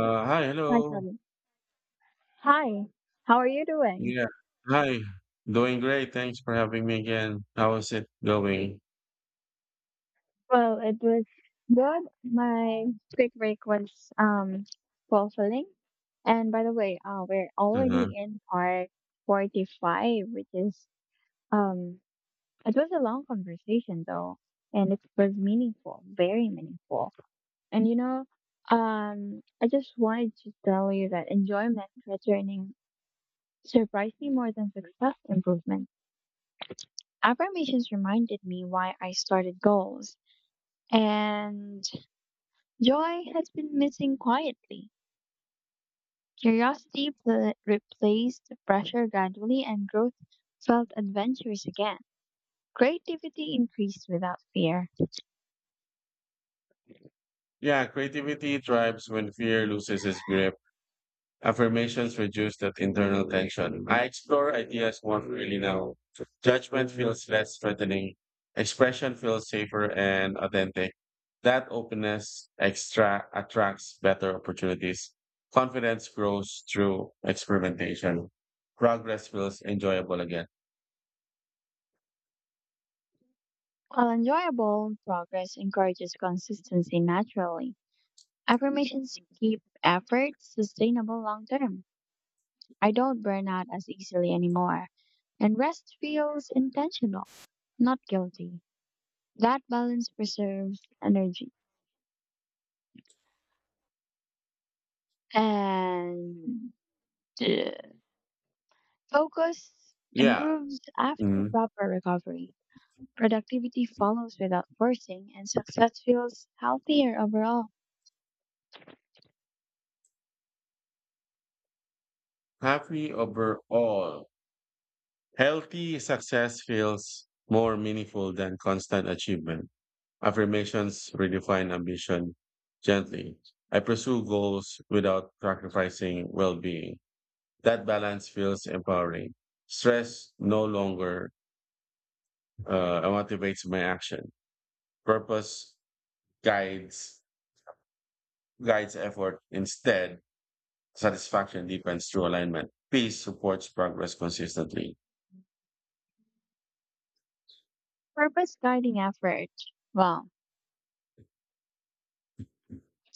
Hi, Hello. sorry. Hi, how are you doing? Yeah, Hi. Doing great. Thanks for having me again. How is it going? Well, it was good. My quick break was um fulfilling. And by the way, we're Uh-huh. already in part 45, which is… um it was a long conversation though, and it was meaningful, very meaningful. And you know, I just wanted to tell you that enjoyment returning surprised me more than success improvement. Affirmations reminded me why I started goals. And joy has been missing quietly. Replaced the pressure gradually, and growth felt adventurous again. Creativity increased without fear. Yeah, creativity thrives when fear loses its grip. Affirmations reduce that internal tension. I explore ideas one really now. Judgment feels less threatening. Expression feels safer and authentic. That openness extra attracts better opportunities. Confidence grows through experimentation. Progress feels enjoyable again. While enjoyable, progress encourages consistency naturally. Affirmations keep effort sustainable long term. I don't burn out as easily anymore, and rest feels intentional, not guilty. That balance preserves energy. And yeah. Focus Yeah. improves after Mhm. proper recovery. Productivity follows without forcing, and success feels healthier overall. Happy overall. Healthy success feels more meaningful than constant achievement. Affirmations redefine ambition gently. I pursue goals without sacrificing well being. That balance feels empowering. Stress no longer motivates my action. Purpose guides guides effort. Instead, satisfaction deepens through alignment. Peace supports progress consistently. Purpose guiding effort. Well,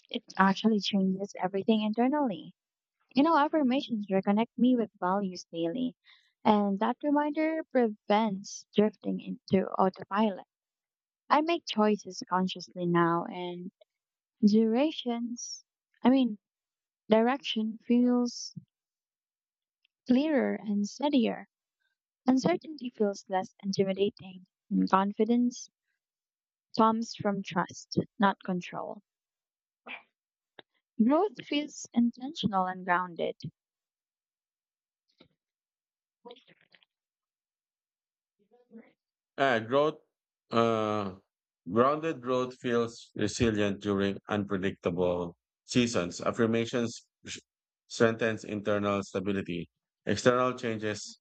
it actually changes everything internally. You know, affirmations reconnect me with values daily, and that reminder prevents drifting into autopilot. I make choices consciously now, and durations, I mean, direction feels clearer and steadier. Uncertainty feels less intimidating, and confidence comes from trust, not control. Growth feels intentional and grounded. Uh, growth, uh, Grounded growth feels resilient during unpredictable seasons. Affirmations strengthens internal stability. External changes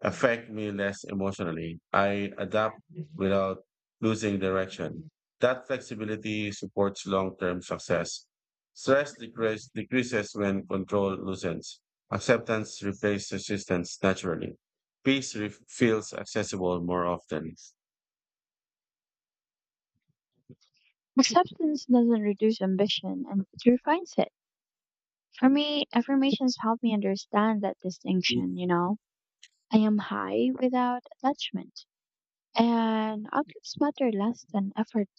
affect me less emotionally. I adapt without losing direction. That flexibility supports long-term success. Decreases when control loosens. Acceptance replaces resistance naturally. Feels accessible more often. Acceptance doesn't reduce ambition, and it refines it. For me, affirmations help me understand that distinction, you know? I am high without attachment, and outcomes matter less than effort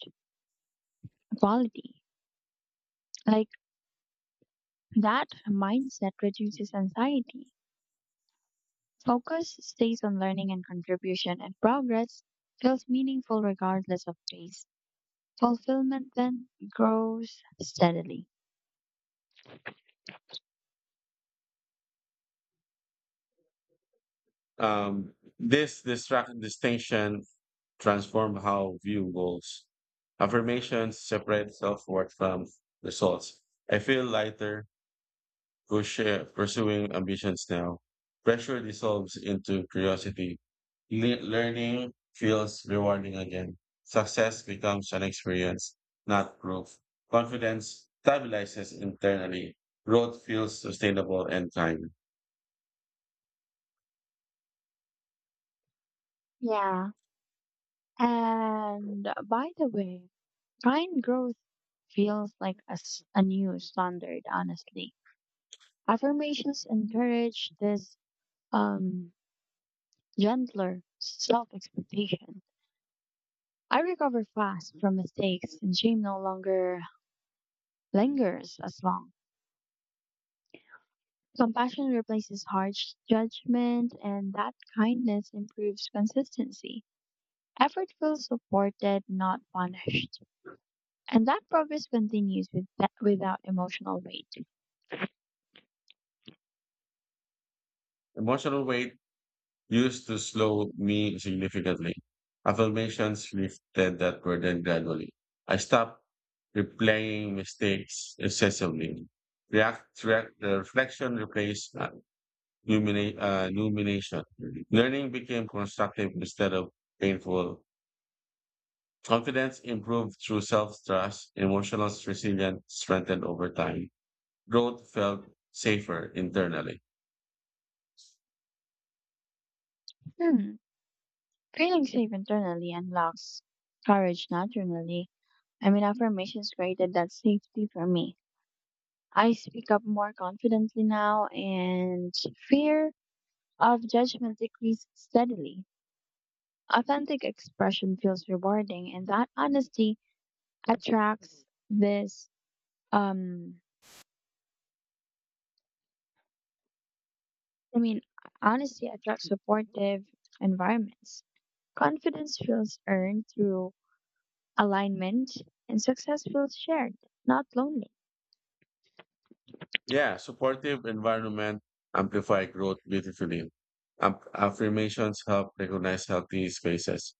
quality. Like that mindset reduces anxiety. Focus stays on learning and contribution, and progress feels meaningful regardless of pace. Fulfillment then grows steadily. This distract distinction transform how view goals. Affirmations separate self worth from results. I feel lighter push, pursuing ambitions now. Pressure dissolves into curiosity. Learning feels rewarding again. Success becomes an experience, not proof. Confidence stabilizes internally. Growth feels sustainable and kind. Yeah. And by the way, kind growth feels like a new standard, honestly. Affirmations encourage this um, gentler self expectation. I recover fast from mistakes, and shame no longer lingers as long. Compassion replaces harsh judgment, and that kindness improves consistency. Effort feels supported, not punished. And that progress continues without emotional weight. Emotional weight used to slow me significantly. Affirmations lifted that burden gradually. I stopped replaying mistakes excessively. The reflection replaced rumination. Learning became constructive instead of painful. Confidence improved through self-trust. Emotional resilience strengthened over time. Growth felt safer internally. Hmm. Feeling safe internally unlocks courage naturally. I mean, affirmations created that safety for me. I speak up more confidently now, and fear of judgment decreased steadily. Authentic expression feels rewarding, and that honesty attracts this. Um, I mean, Honesty attracts supportive environments. Confidence feels earned through alignment, and success feels shared, not lonely. Yeah, supportive environment amplify growth beautifully. Affirmations help recognize healthy spaces.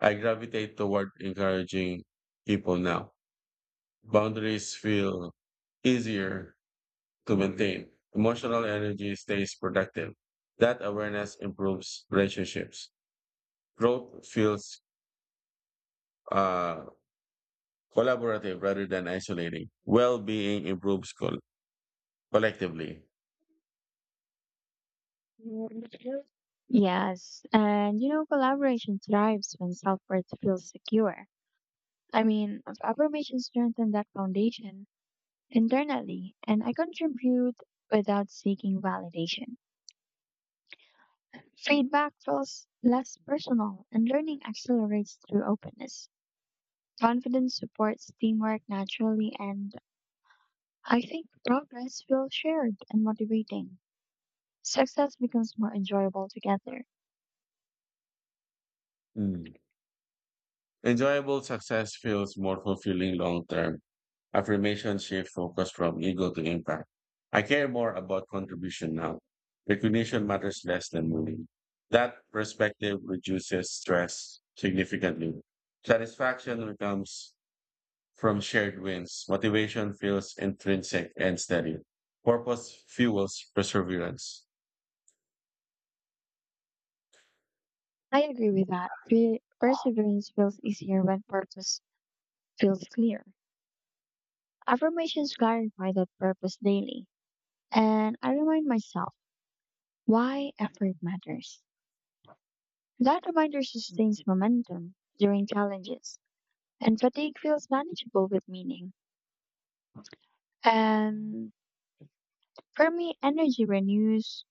I gravitate toward encouraging people now. Boundaries feel easier to maintain. Emotional energy stays productive. That awareness improves relationships. Growth feels uh, collaborative rather than isolating. Well-being improves collectively. Yes, and you know, collaboration thrives when self worth feels secure. I mean, affirmations strengthen that foundation internally, and I contribute without seeking validation. Feedback feels less personal, and learning accelerates through openness. Confidence supports teamwork naturally, and I think progress feels shared and motivating. Success becomes more enjoyable together. Hmm. Enjoyable success feels more fulfilling long term. Affirmation shift focus from ego to impact. I care more about contribution now. Recognition matters less than money. That perspective reduces stress significantly. Satisfaction becomes from shared wins. Motivation feels intrinsic and steady. Purpose fuels perseverance. I agree with that. Perseverance feels easier when purpose feels clear. Affirmations clarify that purpose daily. And I remind myself why effort matters. That reminder sustains momentum during challenges, and fatigue feels manageable with meaning. And for me, energy renews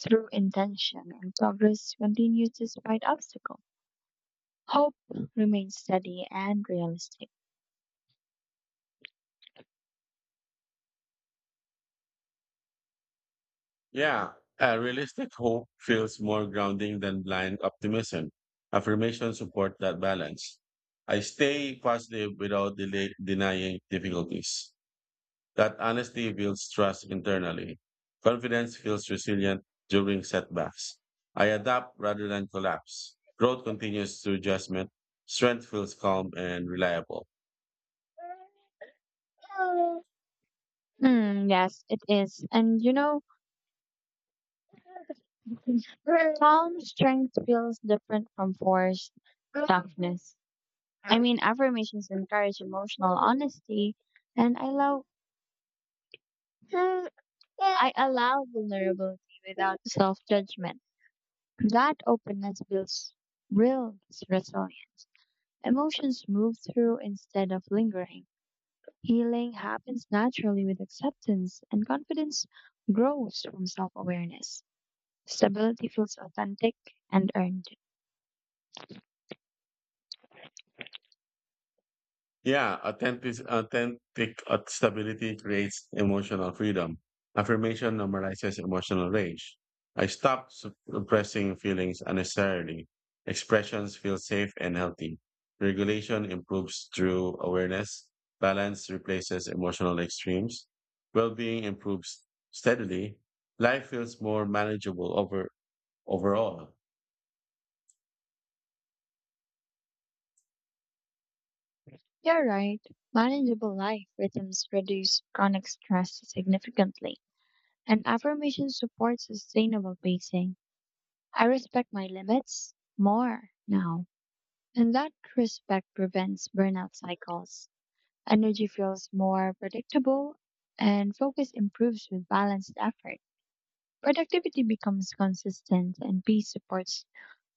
through intention, and progress continues despite obstacle. Hope remains steady and realistic. Yeah, a realistic hope feels more grounding than blind optimism. Affirmations support that balance. I stay positive without delay, denying difficulties. That honesty builds trust internally. Confidence feels resilient during setbacks. I adapt rather than collapse. Growth continues through adjustment. Strength feels calm and reliable. Mm, yes, it is. And you know, calm strength feels different from forced toughness. I mean, affirmations encourage emotional honesty, and I allow vulnerability without self judgment. That openness builds real resilience. Emotions move through instead of lingering. Healing happens naturally with acceptance, and confidence grows from self awareness. Stability feels authentic and earned. Yeah, authentic, authentic stability creates emotional freedom. Affirmation normalizes emotional rage. I stop suppressing feelings unnecessarily. Expressions feel safe and healthy. Regulation improves through awareness. Balance replaces emotional extremes. Well-being improves steadily. Life feels more manageable overall. You're right. Manageable life rhythms reduce chronic stress significantly, and affirmation supports sustainable pacing. I respect my limits more now, and that respect prevents burnout cycles. Energy feels more predictable, and focus improves with balanced effort. Productivity becomes consistent, and peace supports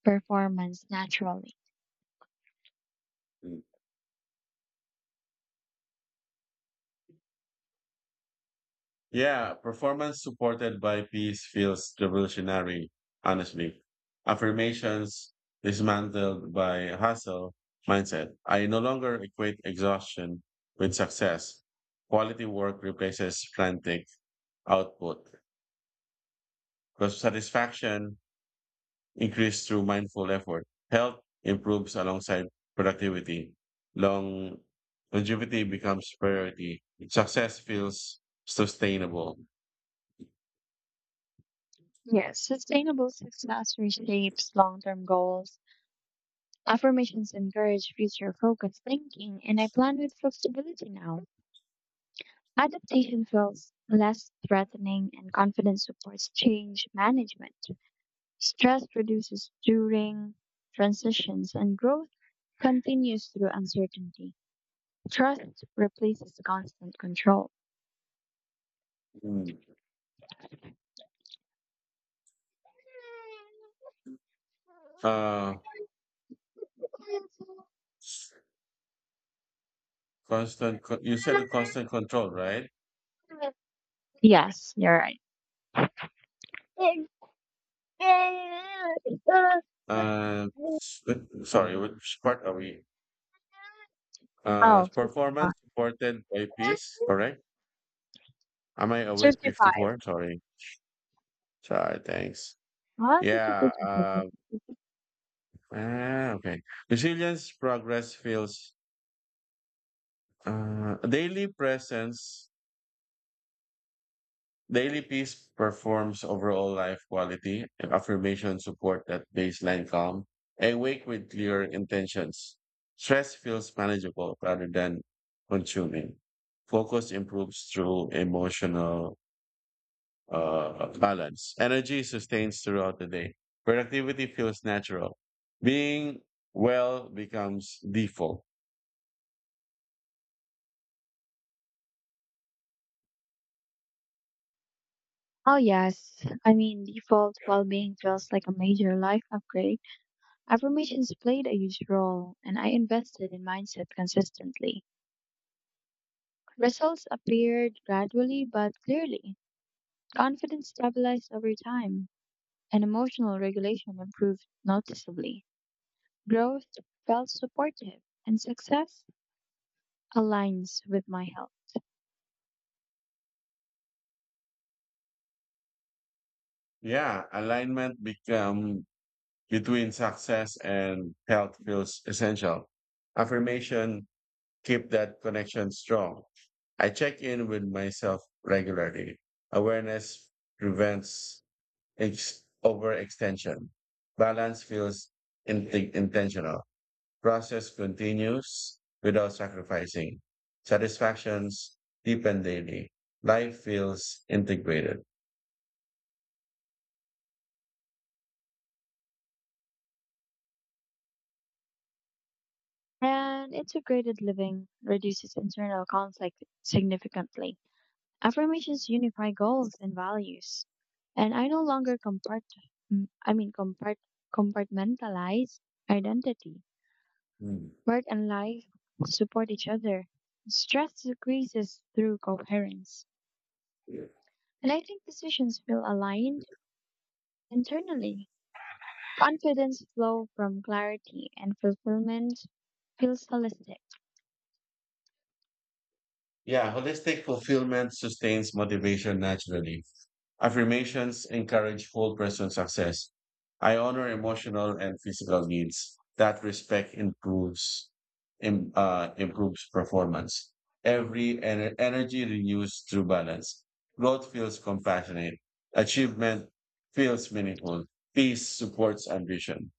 performance naturally. Yeah, performance supported by peace feels revolutionary, honestly. Affirmations dismantled by hustle mindset. I no longer equate exhaustion with success. Quality work replaces frantic output because satisfaction increased through mindful effort. Health improves alongside productivity. Long Longevity becomes priority. Success feels sustainable. Yes, sustainable success reshapes long term goals. Affirmations encourage future focused thinking, and I plan with flexibility now. Adaptation feels less threatening and confidence supports change management. Stress reduces during transitions and growth continues through uncertainty. Trust replaces constant control. Mm. Uh, you said the constant control, right? Yes, you're right. Sorry, which part are we? Oh, 55. Performance supported by peace, correct? Am I awake 55. 54? Sorry. Sorry, thanks. Ah, Yeah, uh, okay. Resilience, progress feels, daily presence. Daily peace performs overall life quality and affirmation support that baseline calm. Awake with clear intentions. Stress feels manageable rather than consuming. Focus improves through emotional balance. Energy sustains throughout the day. Productivity feels natural. Being well becomes default. oh, yes. I mean, default well being feels like a major life upgrade. Affirmations played a huge role, and I invested in mindset consistently. Results appeared gradually but clearly. Confidence stabilized over time, and emotional regulation improved noticeably. Growth felt supportive, and success aligns with my health. Yeah, alignment become between success and health feels essential. Affirmation keep that connection strong. I check in with myself regularly. Awareness prevents overextension. Balance feels in- intentional. Process continues without sacrificing. Satisfactions deepen daily. Life feels integrated. And integrated living reduces internal conflict significantly. Affirmations unify goals and values, and I no longer mm, I mean compart compartmentalize identity. Hmm. Work and life support each other. Stress decreases through coherence, and I think decisions feel aligned internally. Confidence flow from clarity, and fulfillment feels holistic. Yeah, holistic fulfillment sustains motivation naturally. Affirmations encourage whole person success. I honor emotional and physical needs. That respect improves performance. Energy renews through balance. Growth feels compassionate. Achievement feels meaningful. Peace supports ambition.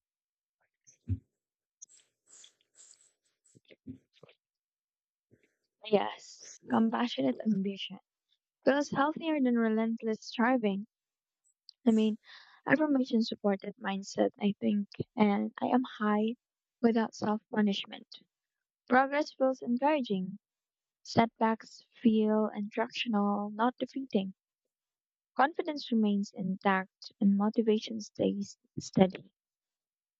Yes, compassionate ambition feels healthier than relentless striving. I mean, affirmation supported mindset, I think, and I am high without self punishment. Progress feels encouraging. Setbacks feel instructional, not defeating. Confidence remains intact and motivation stays steady.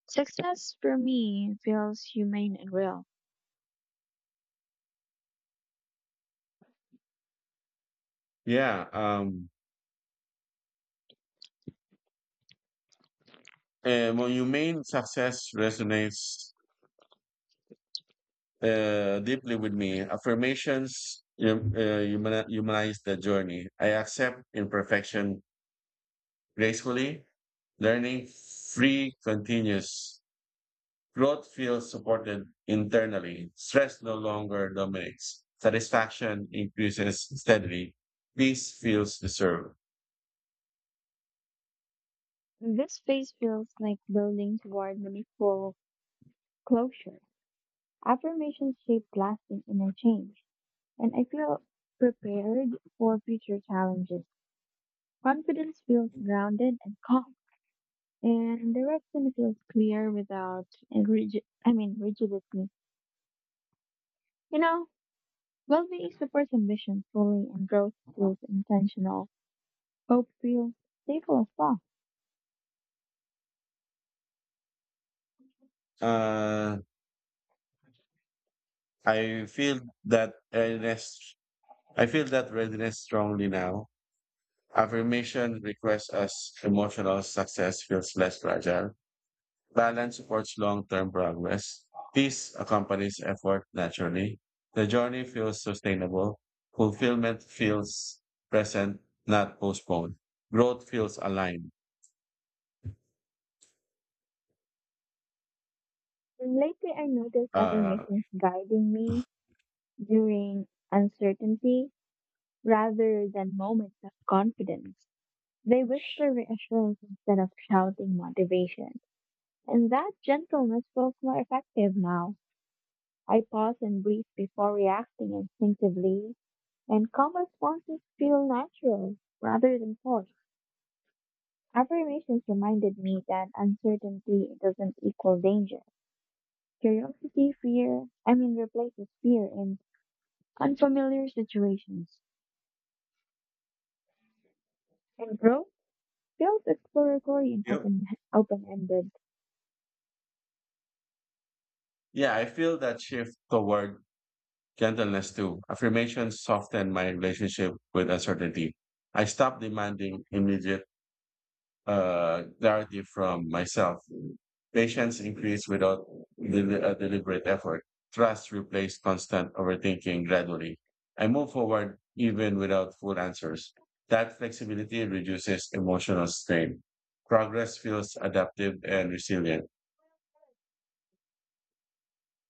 Success for me feels humane and real. Yeah. And when you mean success resonates deeply with me. Affirmations humanize the journey. I accept imperfection gracefully. Learning free continues. Growth feels supported internally. Stress no longer dominates. Satisfaction increases steadily. Peace feels deserved. This phase feels like building toward meaningful closure. Affirmations shape lasting inner change, and I feel prepared for future challenges. Confidence feels grounded and calm, and direction feels clear without a rigid, I mean, rigidity. You know, well-being supports ambition fully, and growth feels intentional. Hope feels stable as well. Uh, I feel that readiness, I feel that readiness strongly now. Affirmation requests us emotional success feels less fragile. Balance supports long-term progress. Peace accompanies effort naturally. The journey feels sustainable. Fulfillment feels present, not postponed. Growth feels aligned. And lately, I noticed Uh, affirmations guiding me during uncertainty rather than moments of confidence. They whisper reassurance instead of shouting motivation, and that gentleness feels more effective now. I pause and breathe before reacting instinctively, and calm responses feel natural rather than forced. Affirmations reminded me that uncertainty doesn't equal danger. Curiosity replaces fear in unfamiliar situations. And growth feels exploratory and yep. Open-ended. Yeah, I feel that shift toward gentleness too. Affirmations soften my relationship with uncertainty. I stop demanding immediate clarity from myself. Patience increased without a deliberate effort. Trust replaced constant overthinking gradually. I move forward even without full answers. That flexibility reduces emotional strain. Progress feels adaptive and resilient.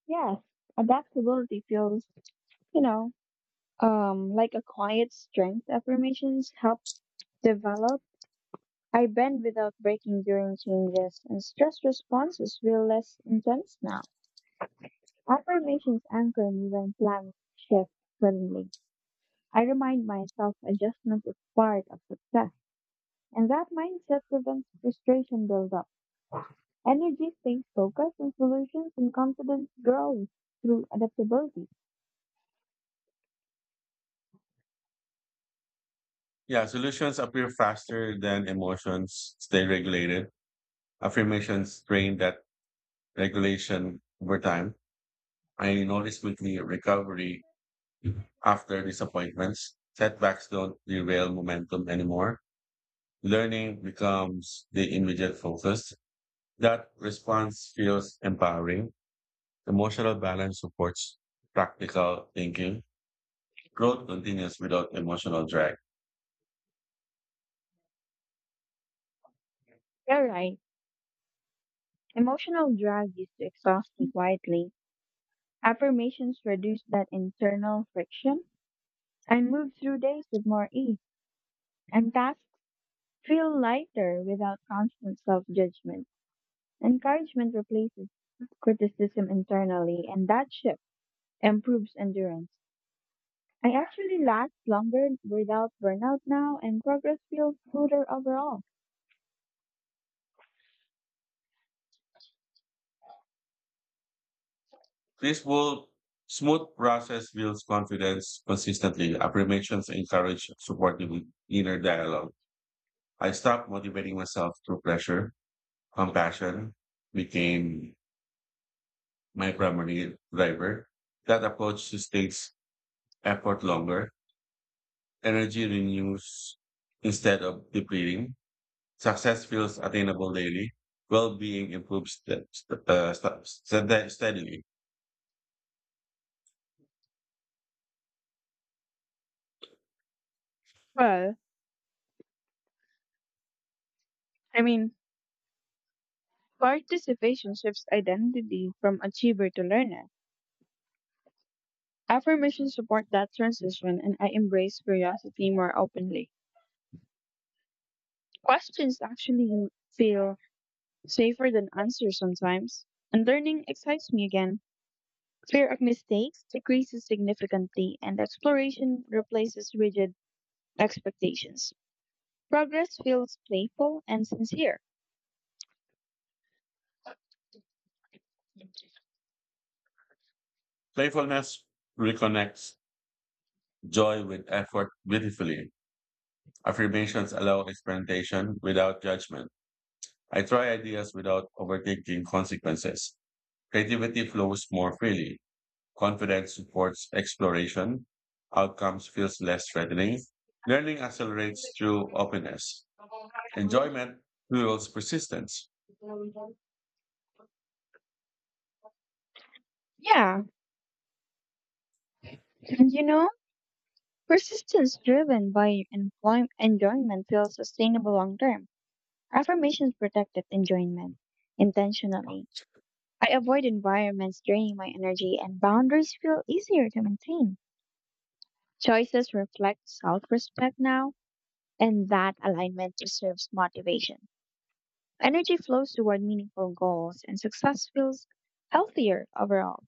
Yes, adaptability feels, you know, like a quiet strength affirmations help develop. I bend without breaking during changes, and stress responses feel less intense now. Affirmations anchor me when plans shift suddenly. I remind myself adjustment is part of success, and that mindset prevents frustration buildup. Energy stays focused on solutions, and confidence grows through adaptability. Yeah, solutions appear faster than emotions stay regulated. Affirmations train that regulation over time. I notice quickly recovery after disappointments. Setbacks don't derail momentum anymore. Learning becomes the immediate focus. That response feels empowering. Emotional balance supports practical thinking. Growth continues without emotional drag. You're right. Emotional drag used to exhaust me quietly. Affirmations reduce that internal friction. I move through days with more ease, and tasks feel lighter without constant self judgment. Encouragement replaces criticism internally, and that shift improves endurance. I actually last longer without burnout now, and progress feels smoother overall. This will Smooth process builds confidence consistently. Affirmations encourage supportive inner dialogue. I stopped motivating myself through pressure. Compassion became my primary driver. That approach sustains effort longer energy renews instead of depleting. Success feels attainable daily. Well-being improves steadily. Well, I mean, Participation shifts identity from achiever to learner. Affirmations support that transition, and I embrace curiosity more openly. Questions actually feel safer than answers sometimes, and learning excites me again. Fear of mistakes decreases significantly, and exploration replaces rigid expectations. Progress feels playful and sincere. Playfulness reconnects joy with effort beautifully. Affirmations allow experimentation without judgment. I try ideas without overthinking consequences. Creativity flows more freely. Confidence supports exploration. Outcomes feels less threatening. Learning accelerates through openness. Enjoyment fuels persistence. Yeah, and you know, persistence driven by enjoyment feels sustainable long term. Affirmations protect that enjoyment intentionally. I avoid environments draining my energy, and boundaries feel easier to maintain. Choices reflect self respect now, and that alignment preserves motivation. Energy flows toward meaningful goals, and success feels healthier overall.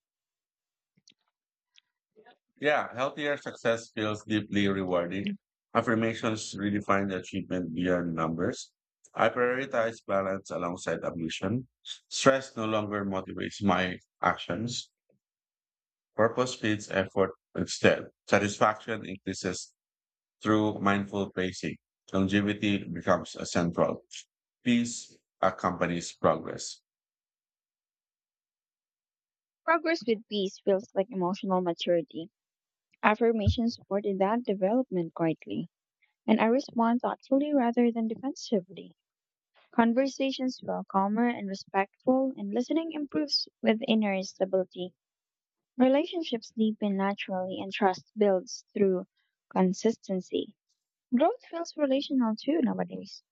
Yeah, healthier success feels deeply rewarding. Affirmations redefine the achievement beyond numbers. I prioritize balance alongside ambition. Stress no longer motivates my actions. Purpose feeds effort instead. Satisfaction increases through mindful pacing. Longevity becomes a central. Peace accompanies progress. Progress with peace feels like emotional maturity. Affirmations supported that development quietly, and I respond thoughtfully rather than defensively. Conversations feel calmer and respectful, and listening improves with inner stability. Relationships deepen naturally, and trust builds through consistency. Growth feels relational too nowadays.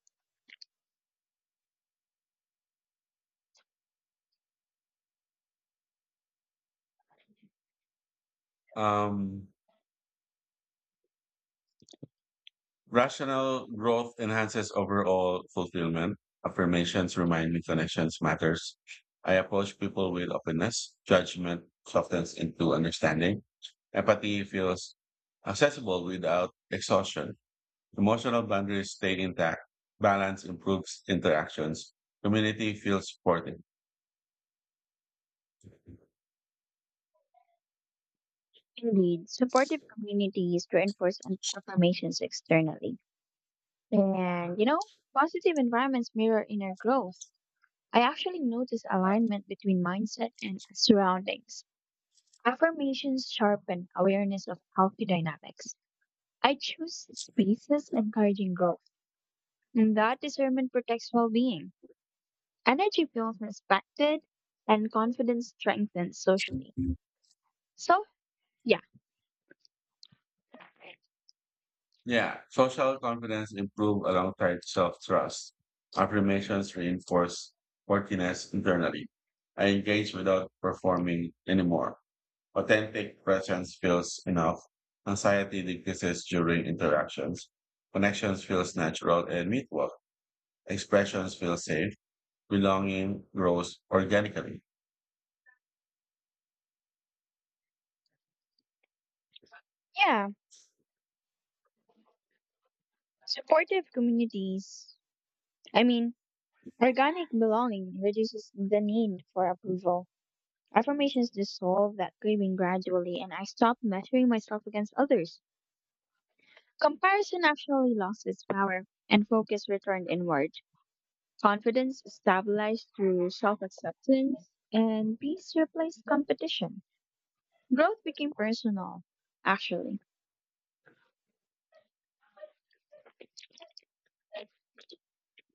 Um, Rational growth enhances overall fulfillment. Affirmations remind me connections matters. I approach people with openness. Judgment softens into understanding. Empathy feels accessible without exhaustion. Emotional boundaries stay intact. Balance improves interactions. Community feels supported. Indeed, supportive communities reinforce and affirmations externally. And, you know, positive environments mirror inner growth. I actually notice alignment between mindset and surroundings. Affirmations sharpen awareness of healthy dynamics. I choose spaces encouraging growth, and that discernment protects well being. Energy feels respected, and confidence strengthens socially. So, Yeah, social confidence improve alongside self-trust. Affirmations reinforce worthiness internally. I engage without performing anymore. Authentic presence feels enough. Anxiety decreases during interactions. Connections feels natural and mutual. Expressions feel safe. Belonging grows organically. yeah, supportive communities, I mean, organic belonging reduces the need for approval. Affirmations dissolve that craving gradually, and I stop measuring myself against others. Comparison actually lost its power, and focus returned inward. Confidence stabilized through self acceptance, and peace replaced competition. Growth became personal, actually.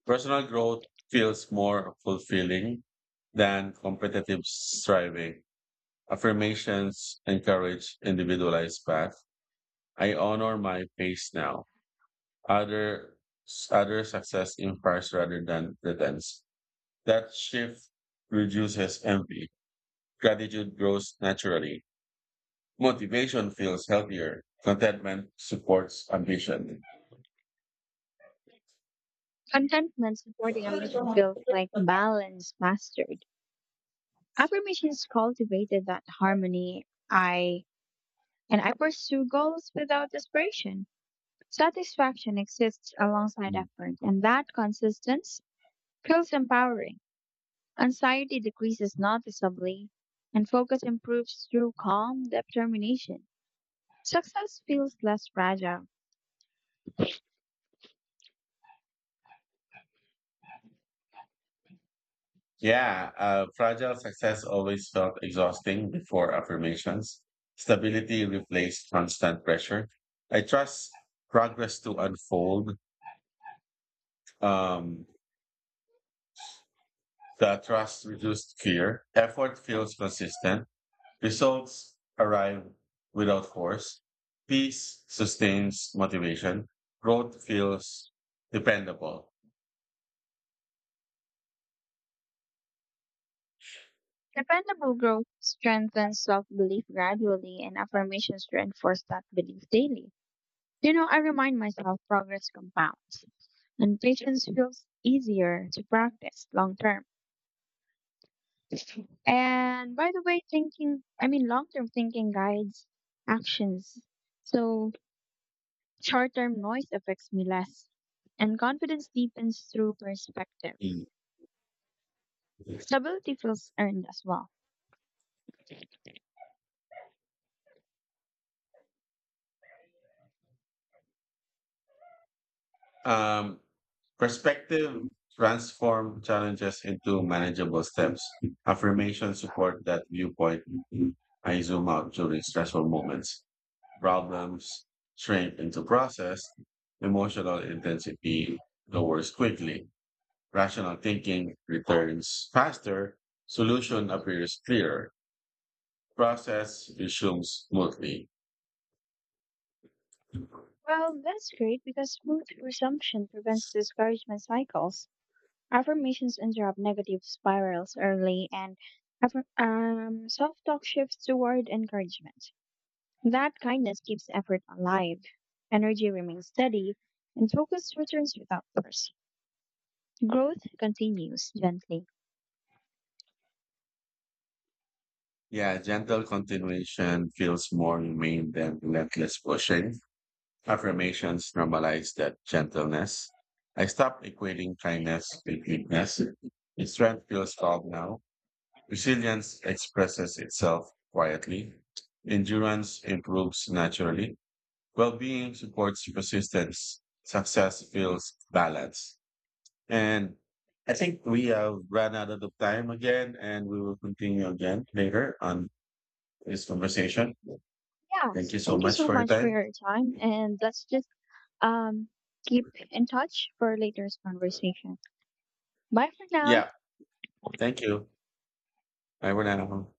Personal growth feels more fulfilling than competitive striving. Affirmations encourage individualized path. I honor my pace now. Other other success imparts rather than pretense. That shift reduces envy. Gratitude grows naturally. Motivation feels healthier. Contentment supports ambition. Contentment supporting ambition feels like balance mastered. Affirmations cultivated that harmony I And I pursue goals without desperation. Satisfaction exists alongside effort, and that consistency feels empowering. Anxiety decreases noticeably, and focus improves through calm determination. Success feels less fragile. Yeah, fragile success always felt exhausting before affirmations. Stability replaced constant pressure. I trust progress to unfold. Um, the trust reduced fear. Effort feels consistent. Results arrive without force. Peace sustains motivation. Growth feels dependable. Dependable growth strengthens self belief gradually, and affirmations reinforce that belief daily. You know, I remind myself progress compounds, and patience feels easier to practice long term. And by the way, long term thinking guides actions. So short term noise affects me less. And confidence deepens through perspective. Mm. Stability feels earned as well. Um, Perspective transform challenges into manageable steps. Affirmation support that viewpoint. I zoom out during stressful moments. Problems shrink into process. Emotional intensity lowers quickly. Rational thinking returns faster. Solution appears clearer. Process resumes smoothly. Well, that's great because smooth resumption prevents discouragement cycles. Affirmations interrupt negative spirals early, and self talk shifts toward encouragement. That kindness keeps effort alive, energy remains steady, and focus returns without force. Growth continues gently. Yeah, gentle continuation feels more humane than relentless pushing. Affirmations normalize that gentleness. I stopped equating kindness with weakness. Strength feels calm now. Resilience expresses itself quietly. Endurance improves naturally. Well-being supports persistence. Success feels balanced. And I think we have run out of the time again, and we will continue again later on this conversation. Thank Yes, you so thank you much so for your much for time. your time, and let's just um, keep in touch for later's conversation. Bye for now. Yeah, thank you. Bye for now.